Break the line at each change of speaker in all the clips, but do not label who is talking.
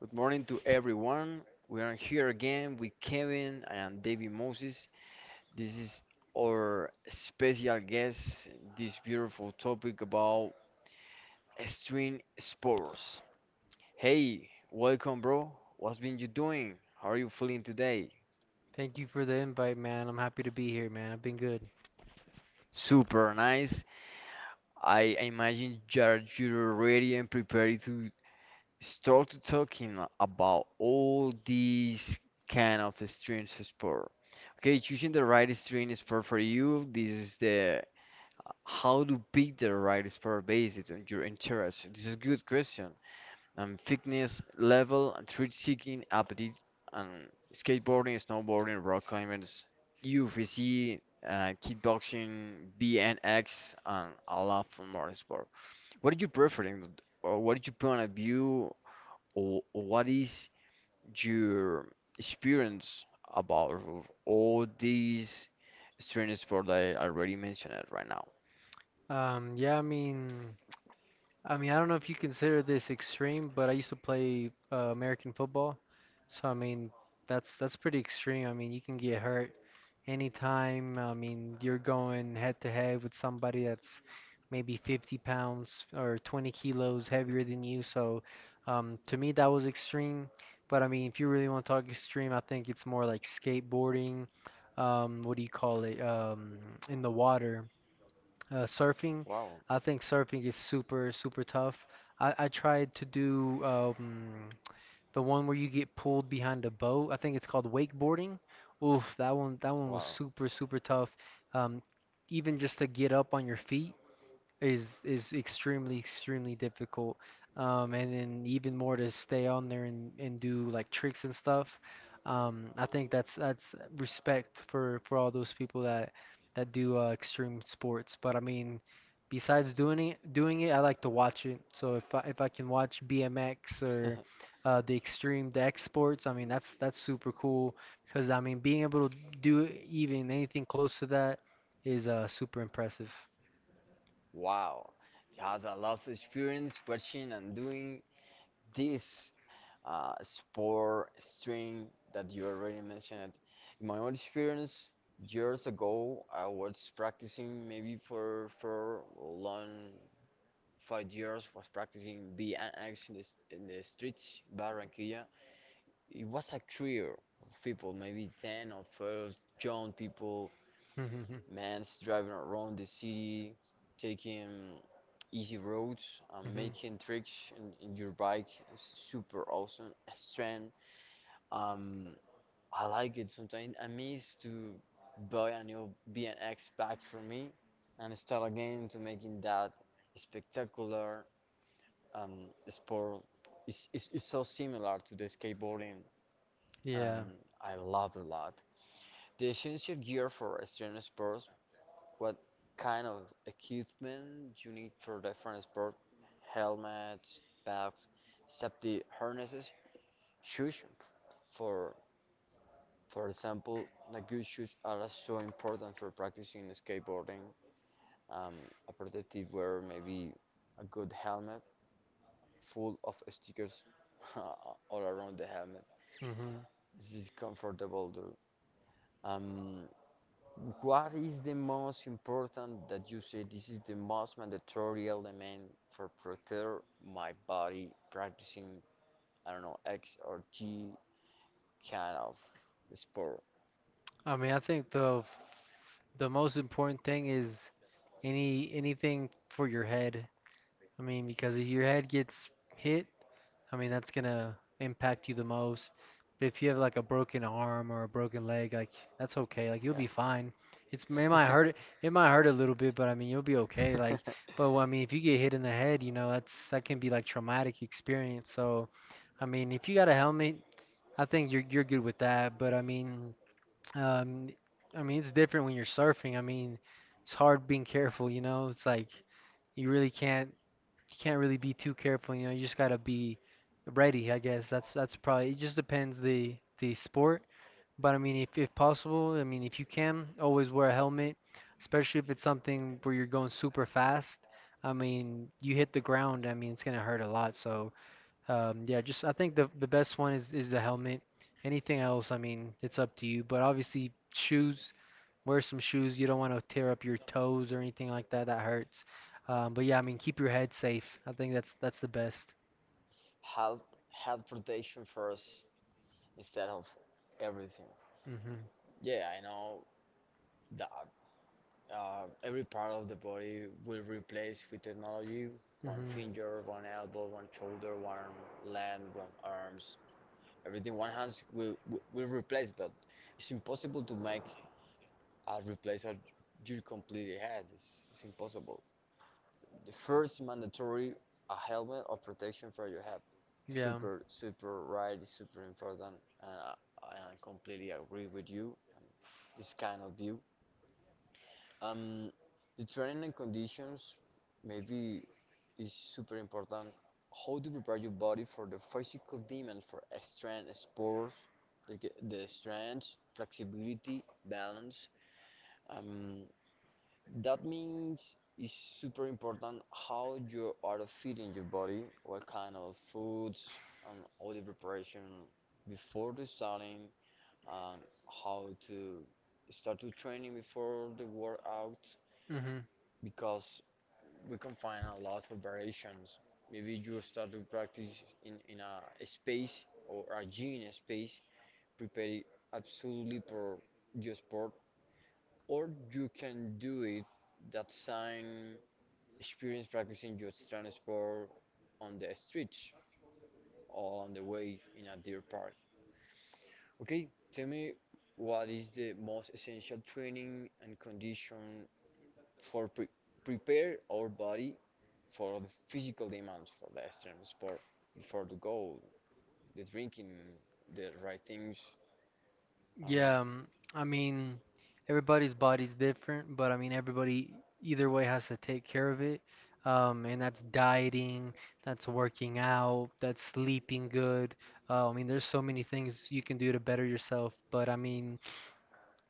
Good morning to everyone. We are here again with Kevin and David Moses. This is our special guest, this beautiful topic about extreme sports. Hey, welcome, bro. What's been you doing? How are you feeling today?
Thank you for the invite, man. I'm happy to be here, man. I've been good.
Super nice. I imagine you're ready and prepared to started talking about all these kind of streams of sport. Okay, choosing the right stream sport for you. This is the how to pick the right sport based on your interest. This is a good question. Fitness level and thrill seeking, appetite, and skateboarding, snowboarding, rock climbing, UFC, kickboxing, BNX, and a lot of more sport. What did you prefer, or what did you point of view or what is your experience about all these strange sports that I already mentioned it right now?
Um, yeah, I mean, I don't know if you consider this extreme, but I used to play American football. So I mean, that's pretty extreme. I mean, you can get hurt anytime. I mean, you're going head to head with somebody that's maybe 50 pounds or 20 kilos heavier than you. So to me, that was extreme. But I mean, if you really want to talk extreme, I think it's more like skateboarding. What do you call it? In the water. Surfing,
Wow,
I think surfing is super, super tough. I tried to do the one where you get pulled behind a boat. I think it's called wakeboarding. Oof, that one was
wow.
super, super tough. Um, Even just to get up on your feet, is extremely extremely difficult, and then even more to stay on there and do like tricks and stuff. I think that's respect for all those people that that do extreme sports. But I mean, besides doing it doing it, I like to watch it. So if I can watch BMX or the extreme, the X sports, I mean that's super cool because I mean being able to do even anything close to that is super impressive.
Wow, just a lot of experience watching and doing this sport string that you already mentioned. In my own experience, years ago, I was practicing maybe for long 5 years. Was practicing BMX in the in the streets, Barranquilla. It was a career of people, maybe 10 or 12 young people. Man's driving around the city, taking easy roads,
hmm
making tricks in your bike. It's super awesome. A strength. Um, I like it sometimes. I miss to buy a new BMX bike for me and start again to making that spectacular sport. It's so similar to the skateboarding, and
Yeah.
I love a lot. The essential gear for extreme sports. What kind of equipment you need for different sport? Helmets, bags, safety harnesses, shoes. For example, like good shoes are so important for practicing skateboarding. Um, a protective wear, maybe a good helmet, full of stickers all around the helmet.
hmm
This is comfortable too. Um, What is the most important that you say this is the most mandatory element for protect my body practicing, I don't know, X or G kind of sport?
I mean, I think the most important thing is anything for your head. I mean, because if your head gets hit, I mean, that's gonna impact you the most. But if you have like a broken arm or a broken leg, like that's okay. Like, you'll
Yeah.
be fine. It's, it might hurt. It might hurt a little bit, but I mean, you'll be okay.
like. but
Like,
but
but I mean, if you get hit in the head, you know, that's that can be like traumatic experience. So I mean, if you got a helmet, I think you're good with that. But um, I mean it's different when you're surfing. I mean, it's hard being careful, you know? It's like you really can't, you can't really be too careful, you know? You just gotta be ready, I guess. That's probably it, just depends the sport. But I mean, if possible, I mean, if you can, always wear a helmet, especially if it's something where you're going super fast. I mean, you hit the ground, I mean, it's gonna hurt a lot. So yeah, just I think the best one is the helmet. Anything else, I mean, it's up to you. But obviously, shoes. Wear some shoes. You don't want to tear up your toes or anything like that. That hurts. But yeah, I mean, keep your head safe. I think that's the best.
health, health protection first instead of everything.
Mhm.
Yeah, I know that every part of the body will replace with technology. One
Mhm.
finger, one elbow, one shoulder, one leg, one arms. Everything, one hand will, will replace, but it's impossible to make a replace of your complete head. It's impossible. The first mandatory a helmet of protection for your head.
Yeah.
Super, super right, it's super important, and I completely agree with you. And this kind of view. Um, the training and conditions maybe is super important. How to prepare your body for the physical demands for extreme sports, the, the strength, flexibility, balance. Um, that means it's super important how you are feeding your body, what kind of foods, and all the preparation before the starting, and how to start to training before the workout,
Mhm.
because we can find a lot of variations. Maybe you start to practice in a space or a gym space prepared absolutely for your sport, or you can do it that same experience practicing your strength sport on the streets or on the way in a deer park. Okay, tell me what is the most essential training and condition for prepare our body for the physical demands for the extreme sport, for the goal, the drinking, the right things. I don't know.
Yeah, I mean, everybody's body's different, but I mean, everybody either way has to take care of it. And that's dieting, that's working out, that's sleeping good. I mean, there's so many things you can do to better yourself, but I mean,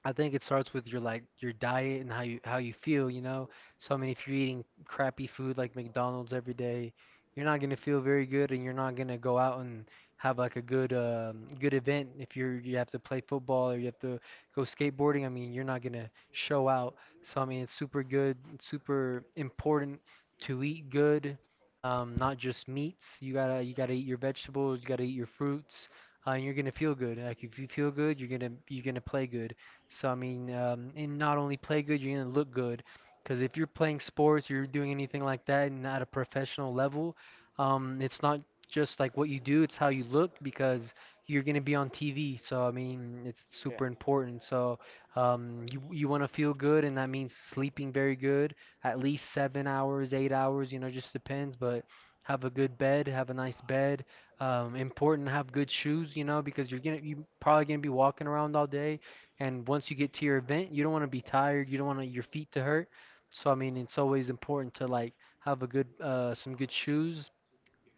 I think it starts with your like your diet and how you feel, you know. So I mean, if you're eating crappy food like McDonald's every day, you're not gonna feel very good, and you're not gonna go out and have like a good good event. If you're you have to play football or you have to go skateboarding, I mean, you're not gonna show out. So I mean, it's super good, super important to eat good, not just meats. You gotta eat your vegetables, you gotta eat your fruits, and you're gonna feel good. Like, if you feel good, you're gonna play good. So I mean, and not only play good, you're gonna look good. Because if you're playing sports, you're doing anything like that, and at a professional level, it's not just like what you do; it's how you look because you're gonna be on TV. So I mean, it's
Yeah,
super important. So you you want to feel good, and that means sleeping very good, at least 7 hours, 8 hours. You know, just depends, but. Have a good bed, have a nice bed. Important to have good shoes, you know, because you're gonna, you probably gonna be walking around all day. And once you get to your event, you don't want to be tired. You don't want your feet to hurt. So I mean, it's always important to like have a good, some good shoes,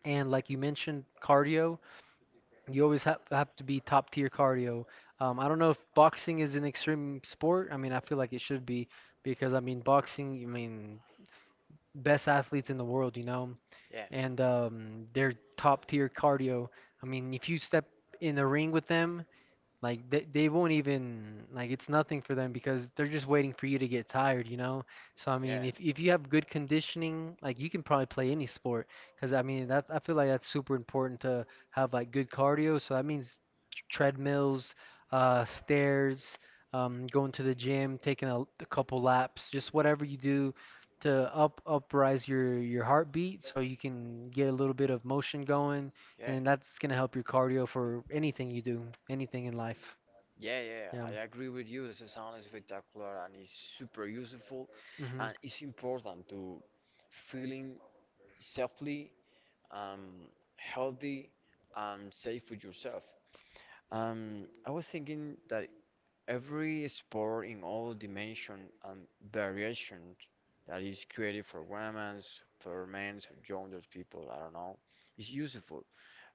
and like you mentioned, cardio. You always have to be top tier cardio. I don't know if boxing is an extreme sport. I mean, I feel like it should be because I mean, boxing. I mean, best athletes in the world, you know,
yeah,
and they're top tier cardio. I mean, if you step in the ring with them, like they won't even, like it's nothing for them because they're just waiting for you to get tired, you know? So I mean,
yeah,
if
yeah.
you have good conditioning, like you can probably play any sport because I mean, that's, I feel like that's super important to have like good cardio. So that means treadmills, stairs, going to the gym, taking a couple laps, just whatever you do to up uprise your heartbeat so you can get a little bit of motion going, and then that's gonna help your cardio for anything you do, anything in life.
Yeah, yeah,
Yeah.
yeah. I agree with you. This is sound is spectacular and it's super useful, and
Mhm.
it's important to feeling safely, um, healthy, and safe with yourself. I was thinking that every sport in all dimension and variation that is created for women, for men, for younger people, I don't know, is useful.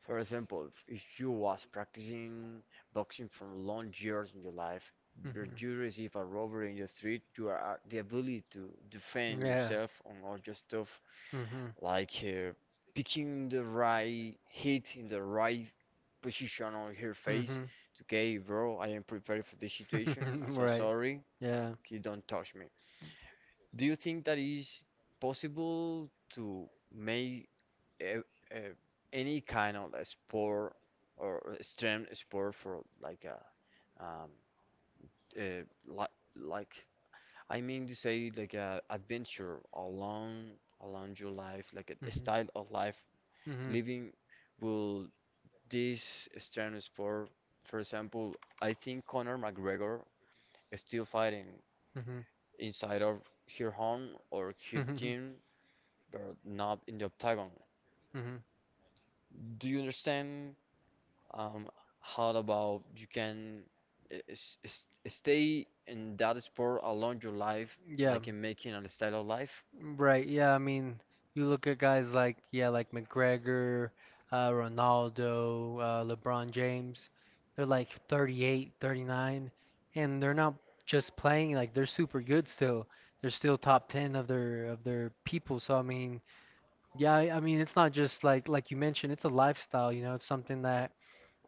For example, if you was practicing boxing for long years in your life, but
Mhm.
you receive a robbery in the street, you are the ability to defend
Yeah.
yourself on all your stuff
Mhm.
like picking the right hit in the right position on her face.
Mhm.
Okay, bro, I am prepared for this situation. I'm so
Right.
sorry.
Yeah.
You don't touch me. Do you think that is possible to make a, a, any kind of a sport or a extreme sport for like a um, uh, like like I mean to say like a adventure along your life, like a
Mhm.
style of life
Mhm.
living will this strength sport? For example, I think Conor McGregor is still fighting
Mhm.
inside of her home or her
Mhm.
gym, but not in the octagon.
Mhm.
Do you understand um, how about you can stay in that sport along your life,
Yeah.
like in making a style of life?
Life? Right, yeah, I mean, you look at guys like, yeah, like McGregor, Ronaldo, LeBron James. They're like 38, 39, and they're not just playing like they're super good still. They're still top 10 of their people. So I mean, yeah, I mean, it's not just like you mentioned, it's a lifestyle, you know, it's something that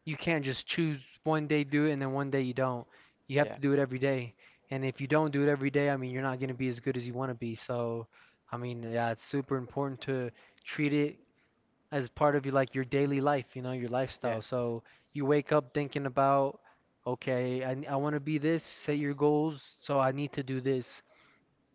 you can't just choose one day do it and then one day you don't. You have
Yeah,
to do it every day. And if you don't do it every day, I mean, you're not going to be as good as you want to be. So I mean, yeah, it's super important to treat it as part of your like your daily life, you know, your
yeah,
lifestyle. So you wake up thinking about, okay, I want to be this, set your goals, so I need to do this.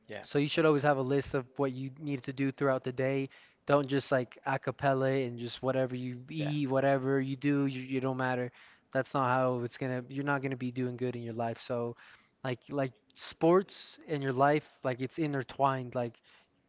yeah,
So you should always have a list of what you need to do throughout the day. Don't just like a cappella and just whatever you
yeah.
eat, whatever you do, you don't matter. That's not how it's gonna, you're not gonna be doing good in your life. So like sports and your life, like it's intertwined. Like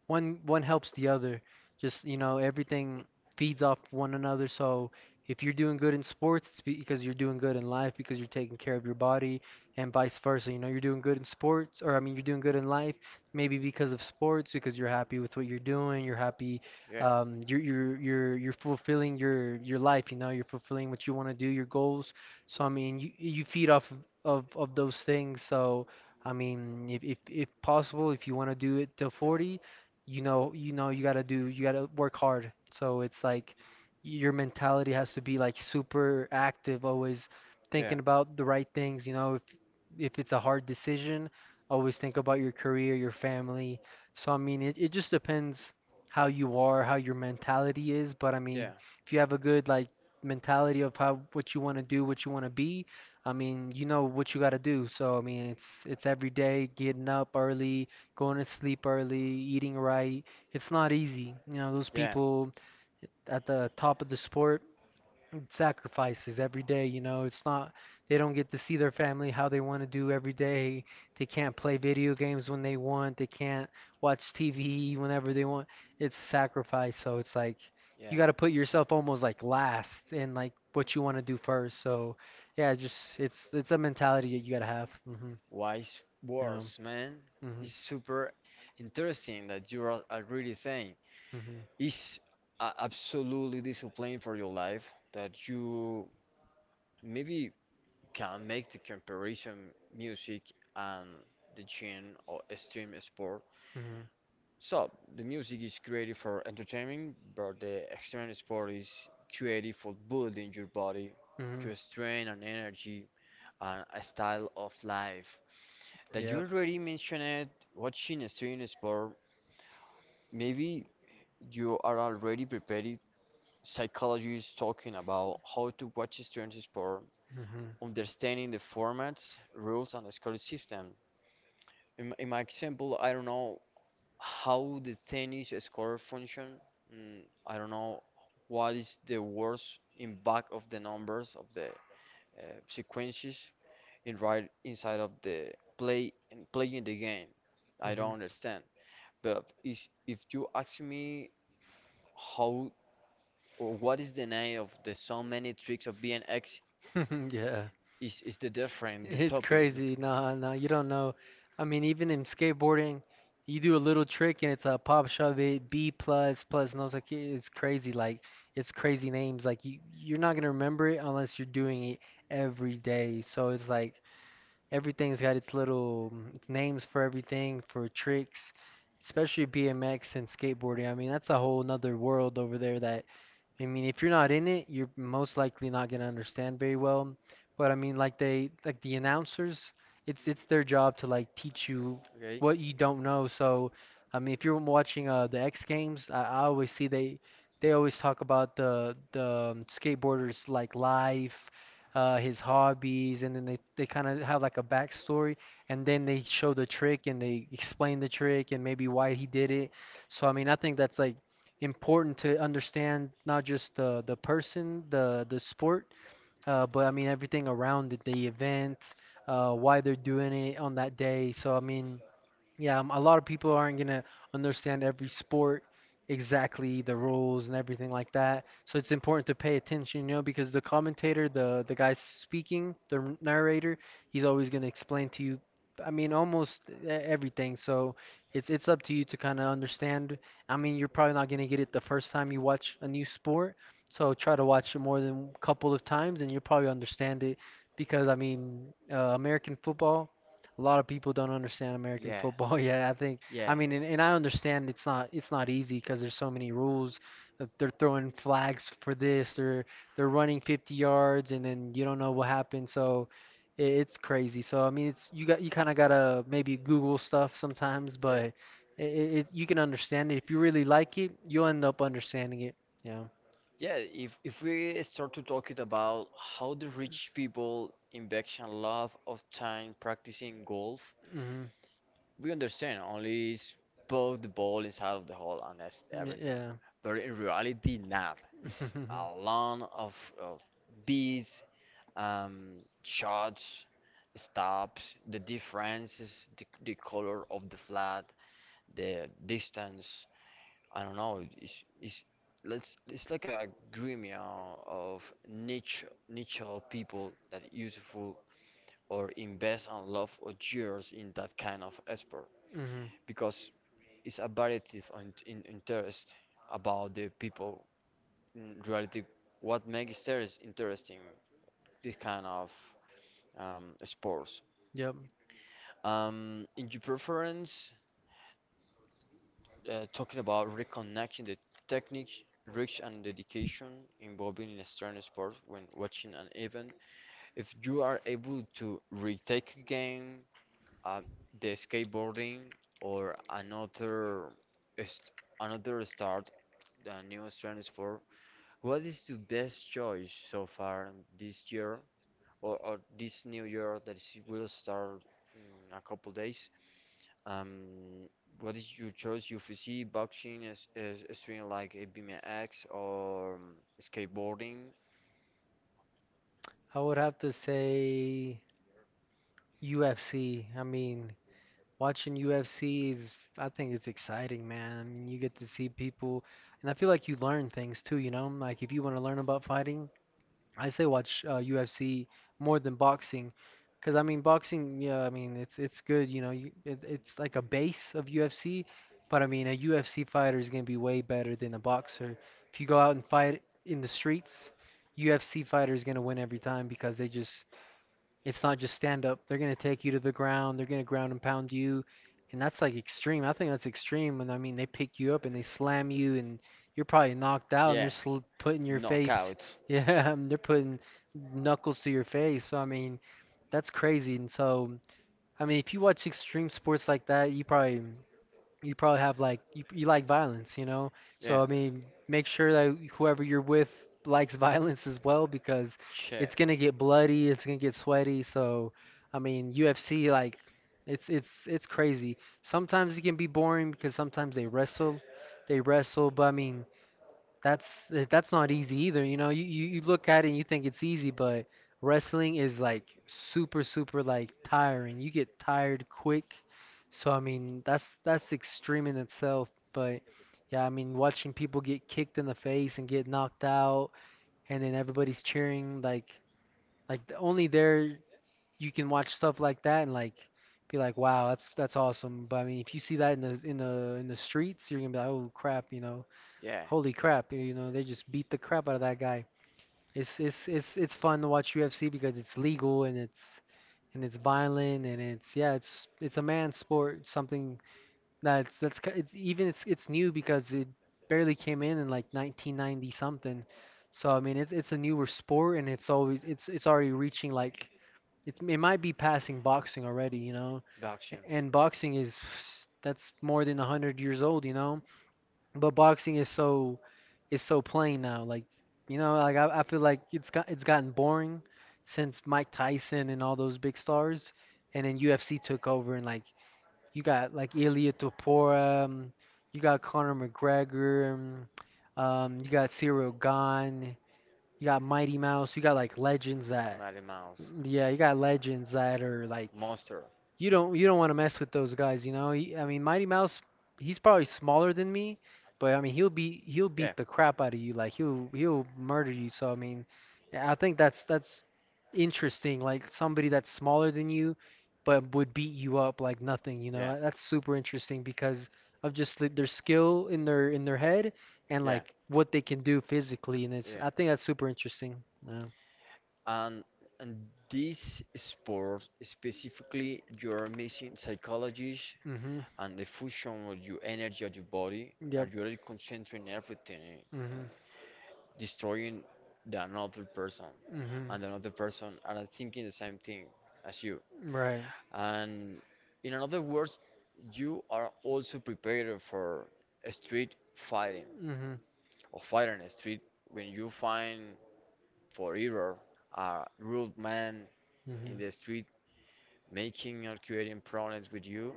one helps the other. Just, you know, everything feeds off one another. So if you're doing good in sports, it's because you're doing good in life because you're taking care of your body, and vice versa. You know, you're doing good in sports, or I mean, you're doing good in life maybe because of sports because you're happy with what you're doing. You're happy.
Yeah.
You're you're fulfilling your life. You know, you're fulfilling what you want to do, your goals. So I mean, you feed off of of those things. So. I mean, if possible, if you want to do it till 40, you know you gotta do, you gotta work hard. So it's like your mentality has to be like super active, always
Yeah.
thinking about the right things, you know. If it's a hard decision, always think about your career, your family. So I mean it just depends how you are, how your mentality is. But I
Yeah.
mean, if you have a good like mentality of how, what you want to do, what you want to be, I mean, you know what you got to do. So I mean, it's every day getting up early, going to sleep early, eating right. It's not easy. You know, those
Yeah.
people at the top of the sport sacrifices every day. You know, it's not, they don't get to see their family how they want to do every day. They can't play video games when they want, they can't watch TV whenever they want. It's sacrifice. So it's like,
Yeah.
you got to put yourself almost like last in like what you want to do first. So, yeah, just it's a mentality that you got to have. Hmm
Wise
Yeah.
words, man.
hmm
It's super interesting that you are already saying.
hmm
It's absolutely discipline for your life that you maybe can make the comparison music and the gym or extreme sport.
Mhm.
So, the music is created for entertainment, but the extreme sport is created for building your body,
Mhm.
your strength and energy, and a style of life. That you
Yep.
already mentioned watching extreme sport, maybe you are already prepared. Psychologists talking about how to watch extreme sport,
Mhm.
understanding the formats, rules, and scoring system. In my example, I don't know how the tennis score function? Mm, I don't know what is the words in back of the numbers of the uh, sequences in right inside of the play and playing the game. I don't
Mhm.
understand. But if you ask me how or what is the name of the so many tricks of BNX
Yeah.
is the different the
It's
topic.
crazy. Nah, nah, you don't know. I mean, even in skateboarding, you do a little trick and it's a pop shove it, B plus plus, and I was like, "Yeah, it's crazy. Like, it's crazy names. Like, you're not gonna remember it unless you're doing it every day." So it's like, everything's got its little names for everything, for tricks, especially BMX and skateboarding. I mean, that's a whole nother world over there that, I mean, if you're not in it, you're most likely not gonna understand very well. But I mean, like the announcers, it's their job to like teach you
Okay.
what you don't know. So, I mean, if you're watching the X Games, I always see they always talk about the skateboarders like life, his hobbies, and then they kind of have like a backstory, and then they show the trick and they explain the trick and maybe why he did it. So I mean, I think that's like important to understand not just the person, the sport, but I mean everything around it, the event, why they're doing it on that day. So, I mean, yeah, a lot of people aren't gonna understand every sport exactly, the rules and everything like that. So it's important to pay attention, you know, because the commentator, the guy speaking, the narrator, he's always gonna explain to you. I mean, almost everything. So it's up to you to kind of understand. I mean, you're probably not gonna get it the first time you watch a new sport. So try to watch it more than a couple of times, and you'll probably understand it because I mean, American football, a lot of people don't understand American
Yeah.
football.
Yeah.
Yeah, I think
Yeah.
I mean, and I understand it's not easy because there's so many rules. That They're throwing flags for this. They're running 50 yards, and then you don't know what happened. So it's crazy. So I mean, it's you got you kind of gotta maybe Google stuff sometimes, but it, it, you can understand it if you really like it. You'll end up understanding it. Yeah.
Yeah, if we
Okay,
start to talking
so
about how the rich people in Bexhill love of time practicing golf, we understand only is poke the ball inside of the hole and that's everything.
mm-hmm.
But in reality, not.
Yeah.
It's a lot of bees um, shots, stops, the differences, the color of the flat, the distance. I don't know. It's let's it's like a gremio of niche of people that useful or invest and love or years in that kind of sport,
Mm-hmm.
because it's a variety of in interest about the people in reality what makes interest interesting this kind of sports.
Yep.
In your preference, talking about reconnecting the technique, reach, and dedication involving in extreme sport when watching an event, if you are able to retake a game, uh, the skateboarding or another st- another start, the new extreme sport, what is the best choice so far this year or this new year that is- will start in a couple days? Um, what is your choice? UFC, boxing, as a streaming like a BMX or skateboarding?
I would have to say UFC. I mean, watching UFC is, I think it's exciting, man. I mean, you get to see people, and I feel like you learn things too, you know? Like, if you want to learn about fighting, I say watch UFC more than boxing, because I mean boxing, yeah, I mean it's good, you know, it's like a base of UFC, but I mean a UFC fighter is gonna be way better than a boxer. If you go out and fight in the streets, UFC fighter is gonna win every time because they just it's not just stand up. They're gonna take you to the ground. They're gonna ground and pound you, and that's like extreme. I think that's extreme. And I mean, they pick you up and they slam you, and you're probably knocked out, and they're
Yeah,
sl putting your face.
knockouts.
Yeah, they're putting knuckles to your face. So I mean, that's crazy. And so I mean, if you watch extreme sports like that, you probably you like violence, you know.
Yeah,
So I mean, make sure that whoever you're with likes violence as well because it's
shit.
gonna get bloody, it's gonna get sweaty. So I mean, UFC like it's crazy. Sometimes it can be boring because sometimes they wrestle. But I mean, that's that's not easy either. You know, you look at it and you think it's easy, but wrestling is like super, super like tiring. You get tired quick. So I mean, that's extreme in itself. But yeah, I mean, watching people get kicked in the face and get knocked out, and then everybody's cheering like only there you can watch stuff like that and like be like, wow, that's awesome. But I mean, if you see that in the streets, you're gonna be like, oh crap, you know.
Yeah,
Holy crap, you know, they just beat the crap out of that guy. It's fun to watch UFC because it's legal and it's violent and it's yeah, it's a man sport, something that's ki- it's even it's new because it barely came in like 1990 something. So I mean, it's a newer sport and it's already reaching like it's it might be passing boxing already, you know.
boxing.
And boxing is that's more than 100 years old, you know, but boxing is so plain now. Like, you know, like I feel like it's gotten boring since Mike Tyson and all those big stars, and then UFC took over and like you got like Ilia Topuria, you got Conor McGregor, you got Cyril Gane, you got Mighty Mouse, you got like legends that
Mighty Mouse,
yeah, you got legends that are like
monster.
you don't want to mess with those guys, you know. I mean, Mighty Mouse, he's probably smaller than me, but I mean, he'll
Yeah,
beat the crap out of you. Like he'll murder you. So I mean, yeah, I think that's interesting. Like somebody that's smaller than you, but would beat you up like nothing. You
yeah,
know, that's super interesting because of just their skill in their head and
yeah,
like what they can do physically. And it's
yeah.
I think that's super interesting. Yeah.
And this sport specifically, you are missing psychology
Mhm.
and the fusion of your energy of your body,
Yep.
and you are concentrating everything,
Mhm.
destroying the another person,
Mhm.
and another person are thinking the same thing as you.
Right.
And in another words, you are also prepared for a street fighting
Mhm.
or fighting a street when you find for error a rude man
Mm-hmm.
in the street making or creating problems with you.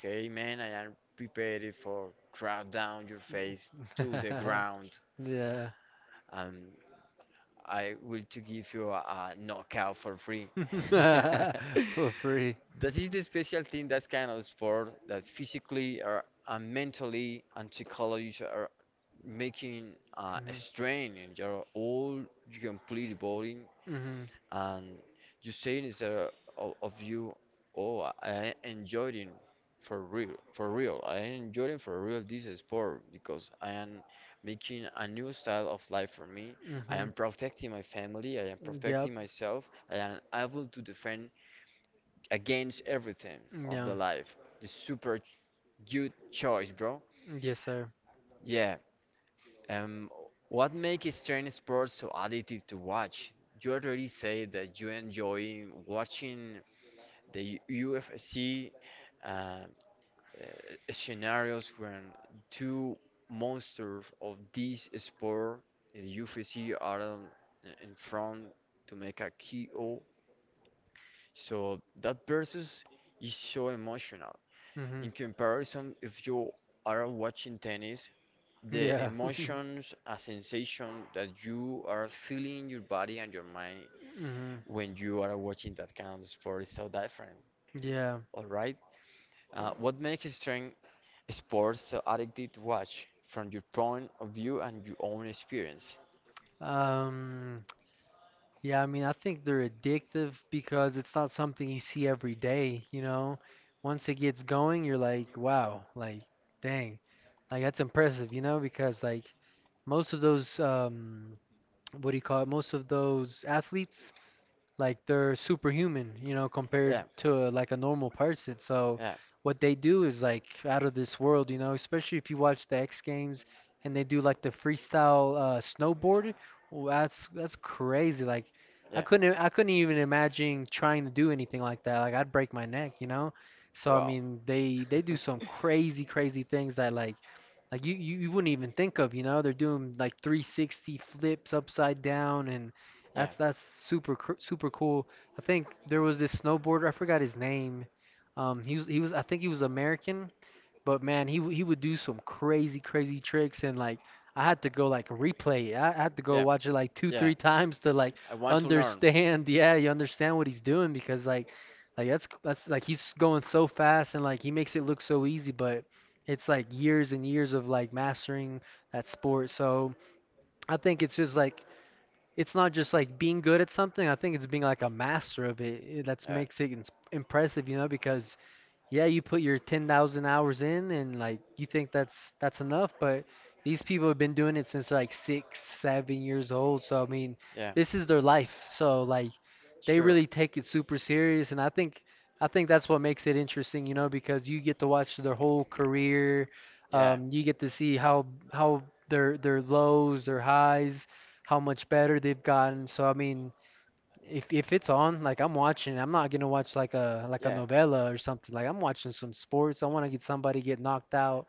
Okay, man, I am prepared for crowd down your face to the
Mm-hmm.
ground,
Yeah.
and I will to give you a, knockout for free.
For free.
This is the special thing that's kind of sport that physically or and mentally and psychologically are making a
Mm-hmm.
strain in your all your complete body,
Mm-hmm.
and you saying instead of, you, oh, I enjoyed it for real, for real. I enjoyed it for real this sport because I am making a new style of life for me. I
Mm-hmm.
am protecting my family. I am
Yep.
protecting myself. I am able to defend against everything of
Yeah.
the life. The super good choice, bro.
Yes, sir.
Yeah. Um, what makes extreme sports so addictive to watch? You already say that you enjoy watching the UFC uh, uh, scenarios when two monsters of this sport, the UFC, are on, in front to make a KO. So that versus is so emotional.
Mm-hmm.
In comparison, if you are watching tennis, the
Yeah.
emotions, a sensation that you are feeling in your body and your mind
Mm-hmm.
when you are watching that kind of sport is so different.
Yeah.
All right. What makes strength sports so addictive to watch from your point of view and your own experience?
Um, yeah, I mean, I think they're addictive because it's not something you see every day, you know? Once it gets going, you're like, wow, like, dang. Like, that's impressive, you know? Because, like, most of those, what do you call it? Most of those athletes, like they're superhuman, you know, compared
Yeah.
to like a normal person. So
Yeah,
what they do is like out of this world, you know, especially if you watch the X Games and they do like the freestyle snowboard. That's crazy. Like
yeah.
I couldn't even imagine trying to do anything like that. Like I'd break my neck, you know? So I
Wow.
mean, they do some crazy crazy things that like you wouldn't even think of, you know, they're doing like 360 flips upside down and
Yeah.
that's that's
Yeah.
super cr- super cool. I think there was this snowboarder, I forgot his name. He was I think he was American, but man, he would do some crazy, crazy tricks, and like I had to go like replay it. I had to go watch it like two,
Yeah.
three times to like
I want to learn.
understand. Yeah, you understand what he's doing because like that's like he's going so fast and like he makes it look so easy, but it's like years and years of like mastering that sport. So I think it's just like it's not just like being good at something. I think it's being like a master of it. That makes it impressive, you know, because yeah, you put your 10,000 hours in and like you think that's enough, but these people have been doing it since like 6, 7 years old. So I mean,
Yeah.
this is their life. So like they really
they
take it super serious and I think that's what makes it interesting, you know, because you get to watch their whole career. You get to see how their lows, their highs, how much better they've gotten. So I mean, if it's on, like I'm watching, I'm not gonna watch like a novella or something. Like I'm watching some sports. I want to get somebody get knocked out,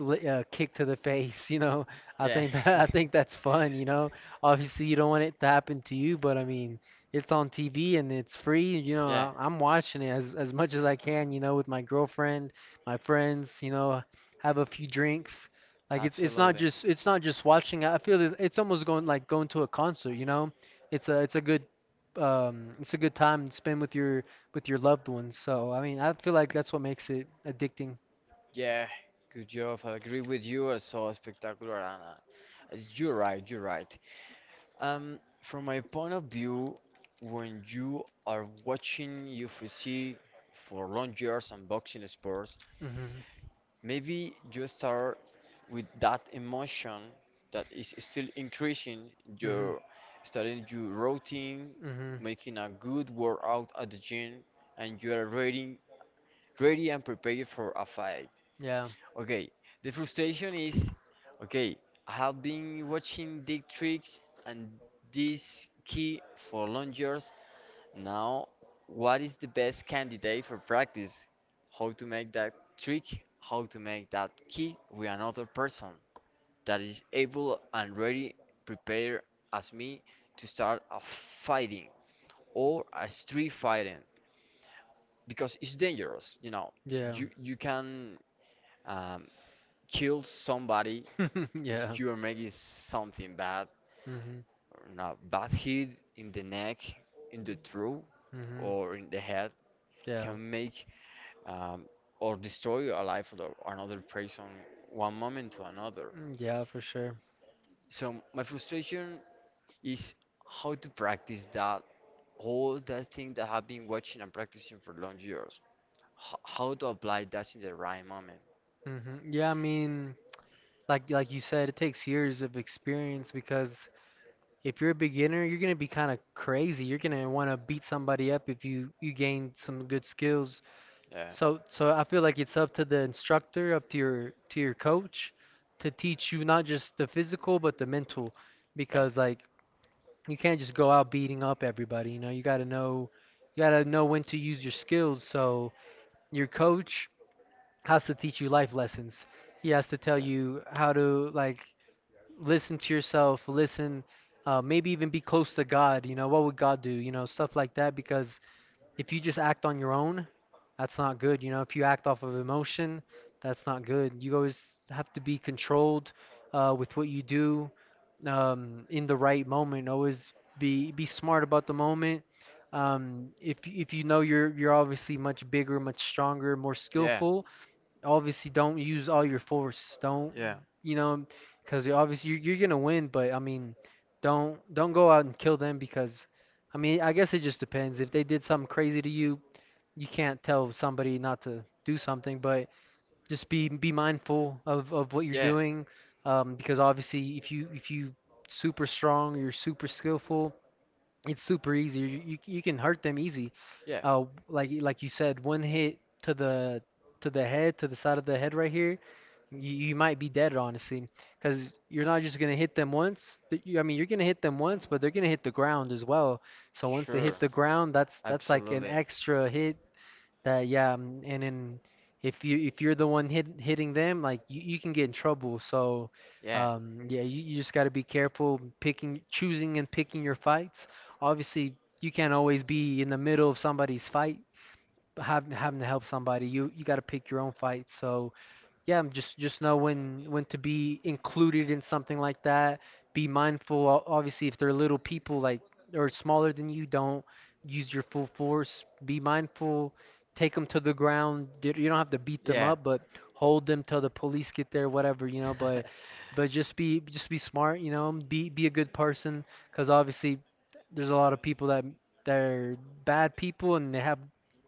kicked to the face. You know, I
I
think that I think that's fun. You know, obviously you don't want it to happen to you, but I mean, it's on TV and it's free. You know,
um,
I'm watching it as much as I can. You know, with my girlfriend, my friends. You know, have a few drinks. Like
it's not.
it's not just watching. I feel it, it's almost going to a concert. You know, it's a good it's a good time to spend with your loved ones. So I mean, I feel like that's what makes it addicting.
Yeah, good job. I agree with you. I saw Spectacular and it's- you're right, you're right. From my point of view, when you are watching UFC for long years and boxing sports,
Mhm.
maybe you start with that emotion that is still increasing.
Mhm.
You're starting your routine,
Mhm.
making a good workout at the gym, and you are ready, ready and prepared for a fight.
Yeah.
Okay, the frustration is okay, I have been watching Dick Tricks and this key for long years. Now, what is the best candidate for practice? How to make that trick, how to make that key with another person that is able and ready, prepared as me to start a fighting or a street fighting, because it's dangerous, you know.
Yeah.
You can um, kill somebody if
Yeah.
you are making something bad
Mhm.
or not bad hit in the neck in the throat
Mhm.
or in the head,
Yeah.
can make um, or destroy a life of another person one moment to another.
Mm, yeah, for sure.
So my frustration is how to practice that all that thing that I've been watching and practicing for long years. H- how to apply that in the right moment?
Mhm. Yeah, I mean, like you said, it takes years of experience because if you're a beginner, you're gonna be kind of crazy. You're gonna want to beat somebody up if you gain some good skills.
Yeah,
So I feel like it's up to the instructor, up to your coach to teach you not just the physical but the mental
yeah,
because like you can't just go out beating up everybody, you know, you got to know you got to know when to use your skills. So your coach has to teach you life lessons. He has to tell
yeah.
you how to like listen to yourself, listen, maybe even be close to God. You know, what would God do? You know, stuff like that because if you just act on your own, that's not good. You know, if you act off of emotion, that's not good. You always have to be controlled with what you do, in the right moment. Always be smart about the moment. If you know you're obviously much bigger, much stronger, more
Yeah,
skillful, obviously don't use all your force. Don't,
yeah,
you know? Because obviously you're gonna win, but I mean, don't go out and kill them because, I mean, I guess it just depends. If they did something crazy to you, you can't tell somebody not to do something, but just be mindful of what you're
yeah,
doing, because obviously if you super strong, you're super skillful, it's super easy. You can hurt them easy.
yeah.
Like you said, one hit to the head, to the side of the head right here, you might be dead honestly, because you're not just gonna hit them once. But I mean, you're gonna hit them once, but they're gonna hit the ground as well. So
Once
once they
sure,
hit the
hit
ground, that's like an
absolutely.
extra hit that, yeah, and then if you're the one hitting them, like you can get in trouble. So
Yeah,
yeah, you just got to be careful picking, choosing and picking your fights. Obviously, you can't always be in the middle of somebody's fight, having to help somebody. You got to pick your own fight. So yeah, just know when to be included in something like that. Be mindful, obviously, if they're little people like or smaller than you, don't use your full force. Be mindful, take them to the ground. You don't have to beat them
yeah.
up, but hold
But
them till the police get there, whatever, you know.
to.
But but just be smart, you know. Be a good person, because obviously there's a lot of people that they're bad people and they have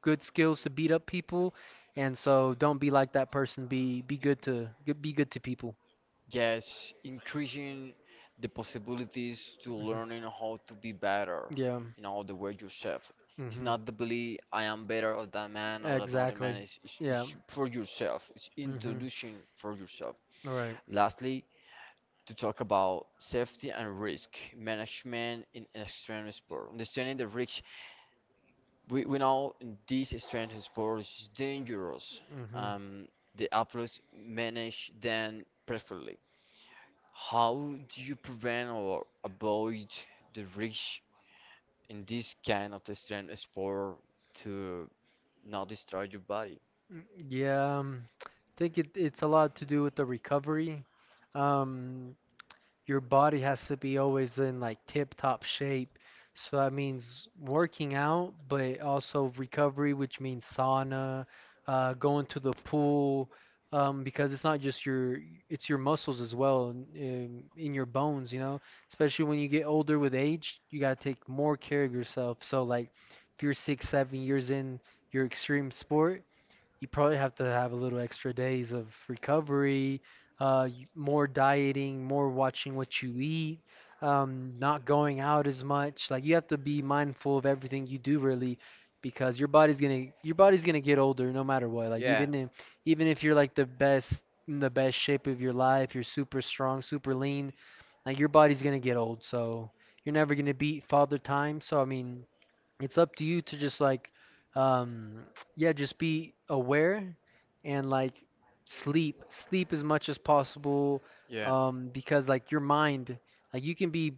good skills to beat up people, and so don't be like that person. Be good to be good to people.
Yes, increasing the possibilities to
Hmm.
learning how to be better
Yeah.
in all the way yourself. It's
Hmm.
not the belief I am better or that man or that other exactly. Man.
Exactly.
It's, it's,
Yeah.
it's for yourself. It's
Hmm.
introducing for yourself.
All right.
Lastly, to talk about safety and risk management in extreme sport. Understanding the risk, we know in this extreme sport is dangerous.
Mm-hmm.
Um, the athletes manage them perfectly. How do you prevent or avoid the risk in this kind of extreme sport to not destroy your body?
Mm, yeah. I think it's a lot to do with the recovery. Um, your body has to be always in like tip top shape. So that means working out, but also recovery, which means sauna, going to the pool, because it's not just it's your muscles as well, and, in your bones, you know. Especially when you get older with age, you gotta take more care of yourself. So like, if you're six, 7 years in your extreme sport, you probably have to have a little extra days of recovery, more dieting, more watching what you eat, not going out as much. Like you have to be mindful of everything you do really, because your body's gonna get older no matter what. Like
Yeah,
even if you're like the best in the best shape of your life, you're super strong, super lean, like your body's gonna get old. So you're never gonna beat father time. So I mean, it's up to you to just like um yeah, just be aware and like sleep as much as possible,
yeah,
because like your mind, like you can be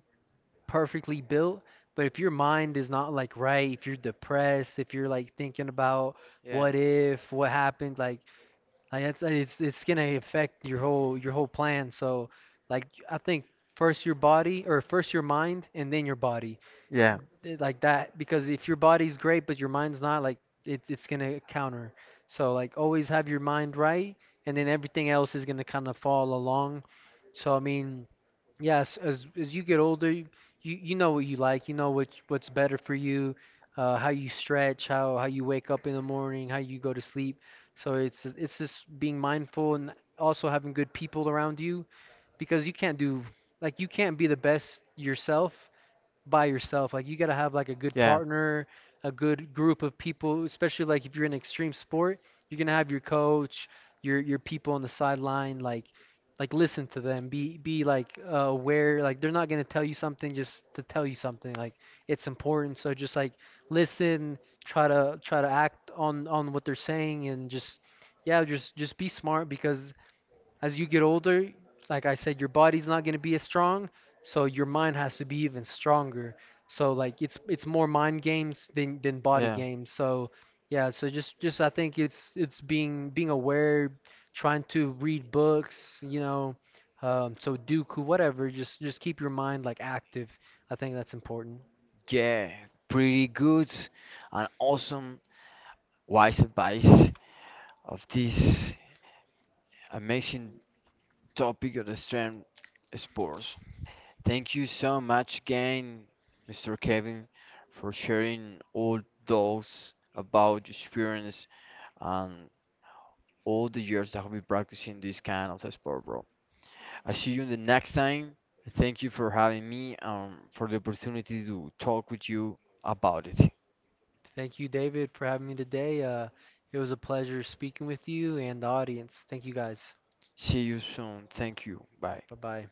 perfectly built, but if your mind is not like right, if you're depressed, if you're like thinking about what if what happened, like like it's gonna affect your whole plan. So like I think first your body, or first your mind and then your body,
yeah,
like that, because if your body's great but your mind's not, like it's gonna counter. So like always have your mind right, and then everything else is gonna kind of fall along. So I mean, yes, as you get older, you know what you like, you know what's better for you, how you stretch, how you wake up in the morning, how you go to sleep. So it's just being mindful and also having good people around you, because you can't do, like you can't be the best yourself by yourself. Like you got to have like a good partner, a good group of people, especially like if you're in extreme sport, you're going to have your coach, your people on the sideline, like listen to them. Be like aware, like they're not going to tell you something just to tell you something. Like it's important, so just like listen, try to act on what they're saying and just yeah, just be smart, because as you get older, like I said, your body's not gonna be as strong, so your mind has to be even stronger. So like it's more mind games than body
yeah.
games. So yeah, so just I think it's being being aware, trying to read books, you know, Sudoku, whatever. Just keep your mind like active. I think that's important.
Yeah. Pretty good and awesome wise advice of this amazing topic of the strength sports. Thank you so much again, Mr. Kevin, for sharing all those about your experience and all the years that have been practicing this kind of sport, bro. I see you the next time. Thank you for having me for the opportunity to talk with you about it.
Thank you, David, for having me today. It was a pleasure speaking with you and the audience. Thank you guys.
See you soon. Thank you. Bye.
Bye bye.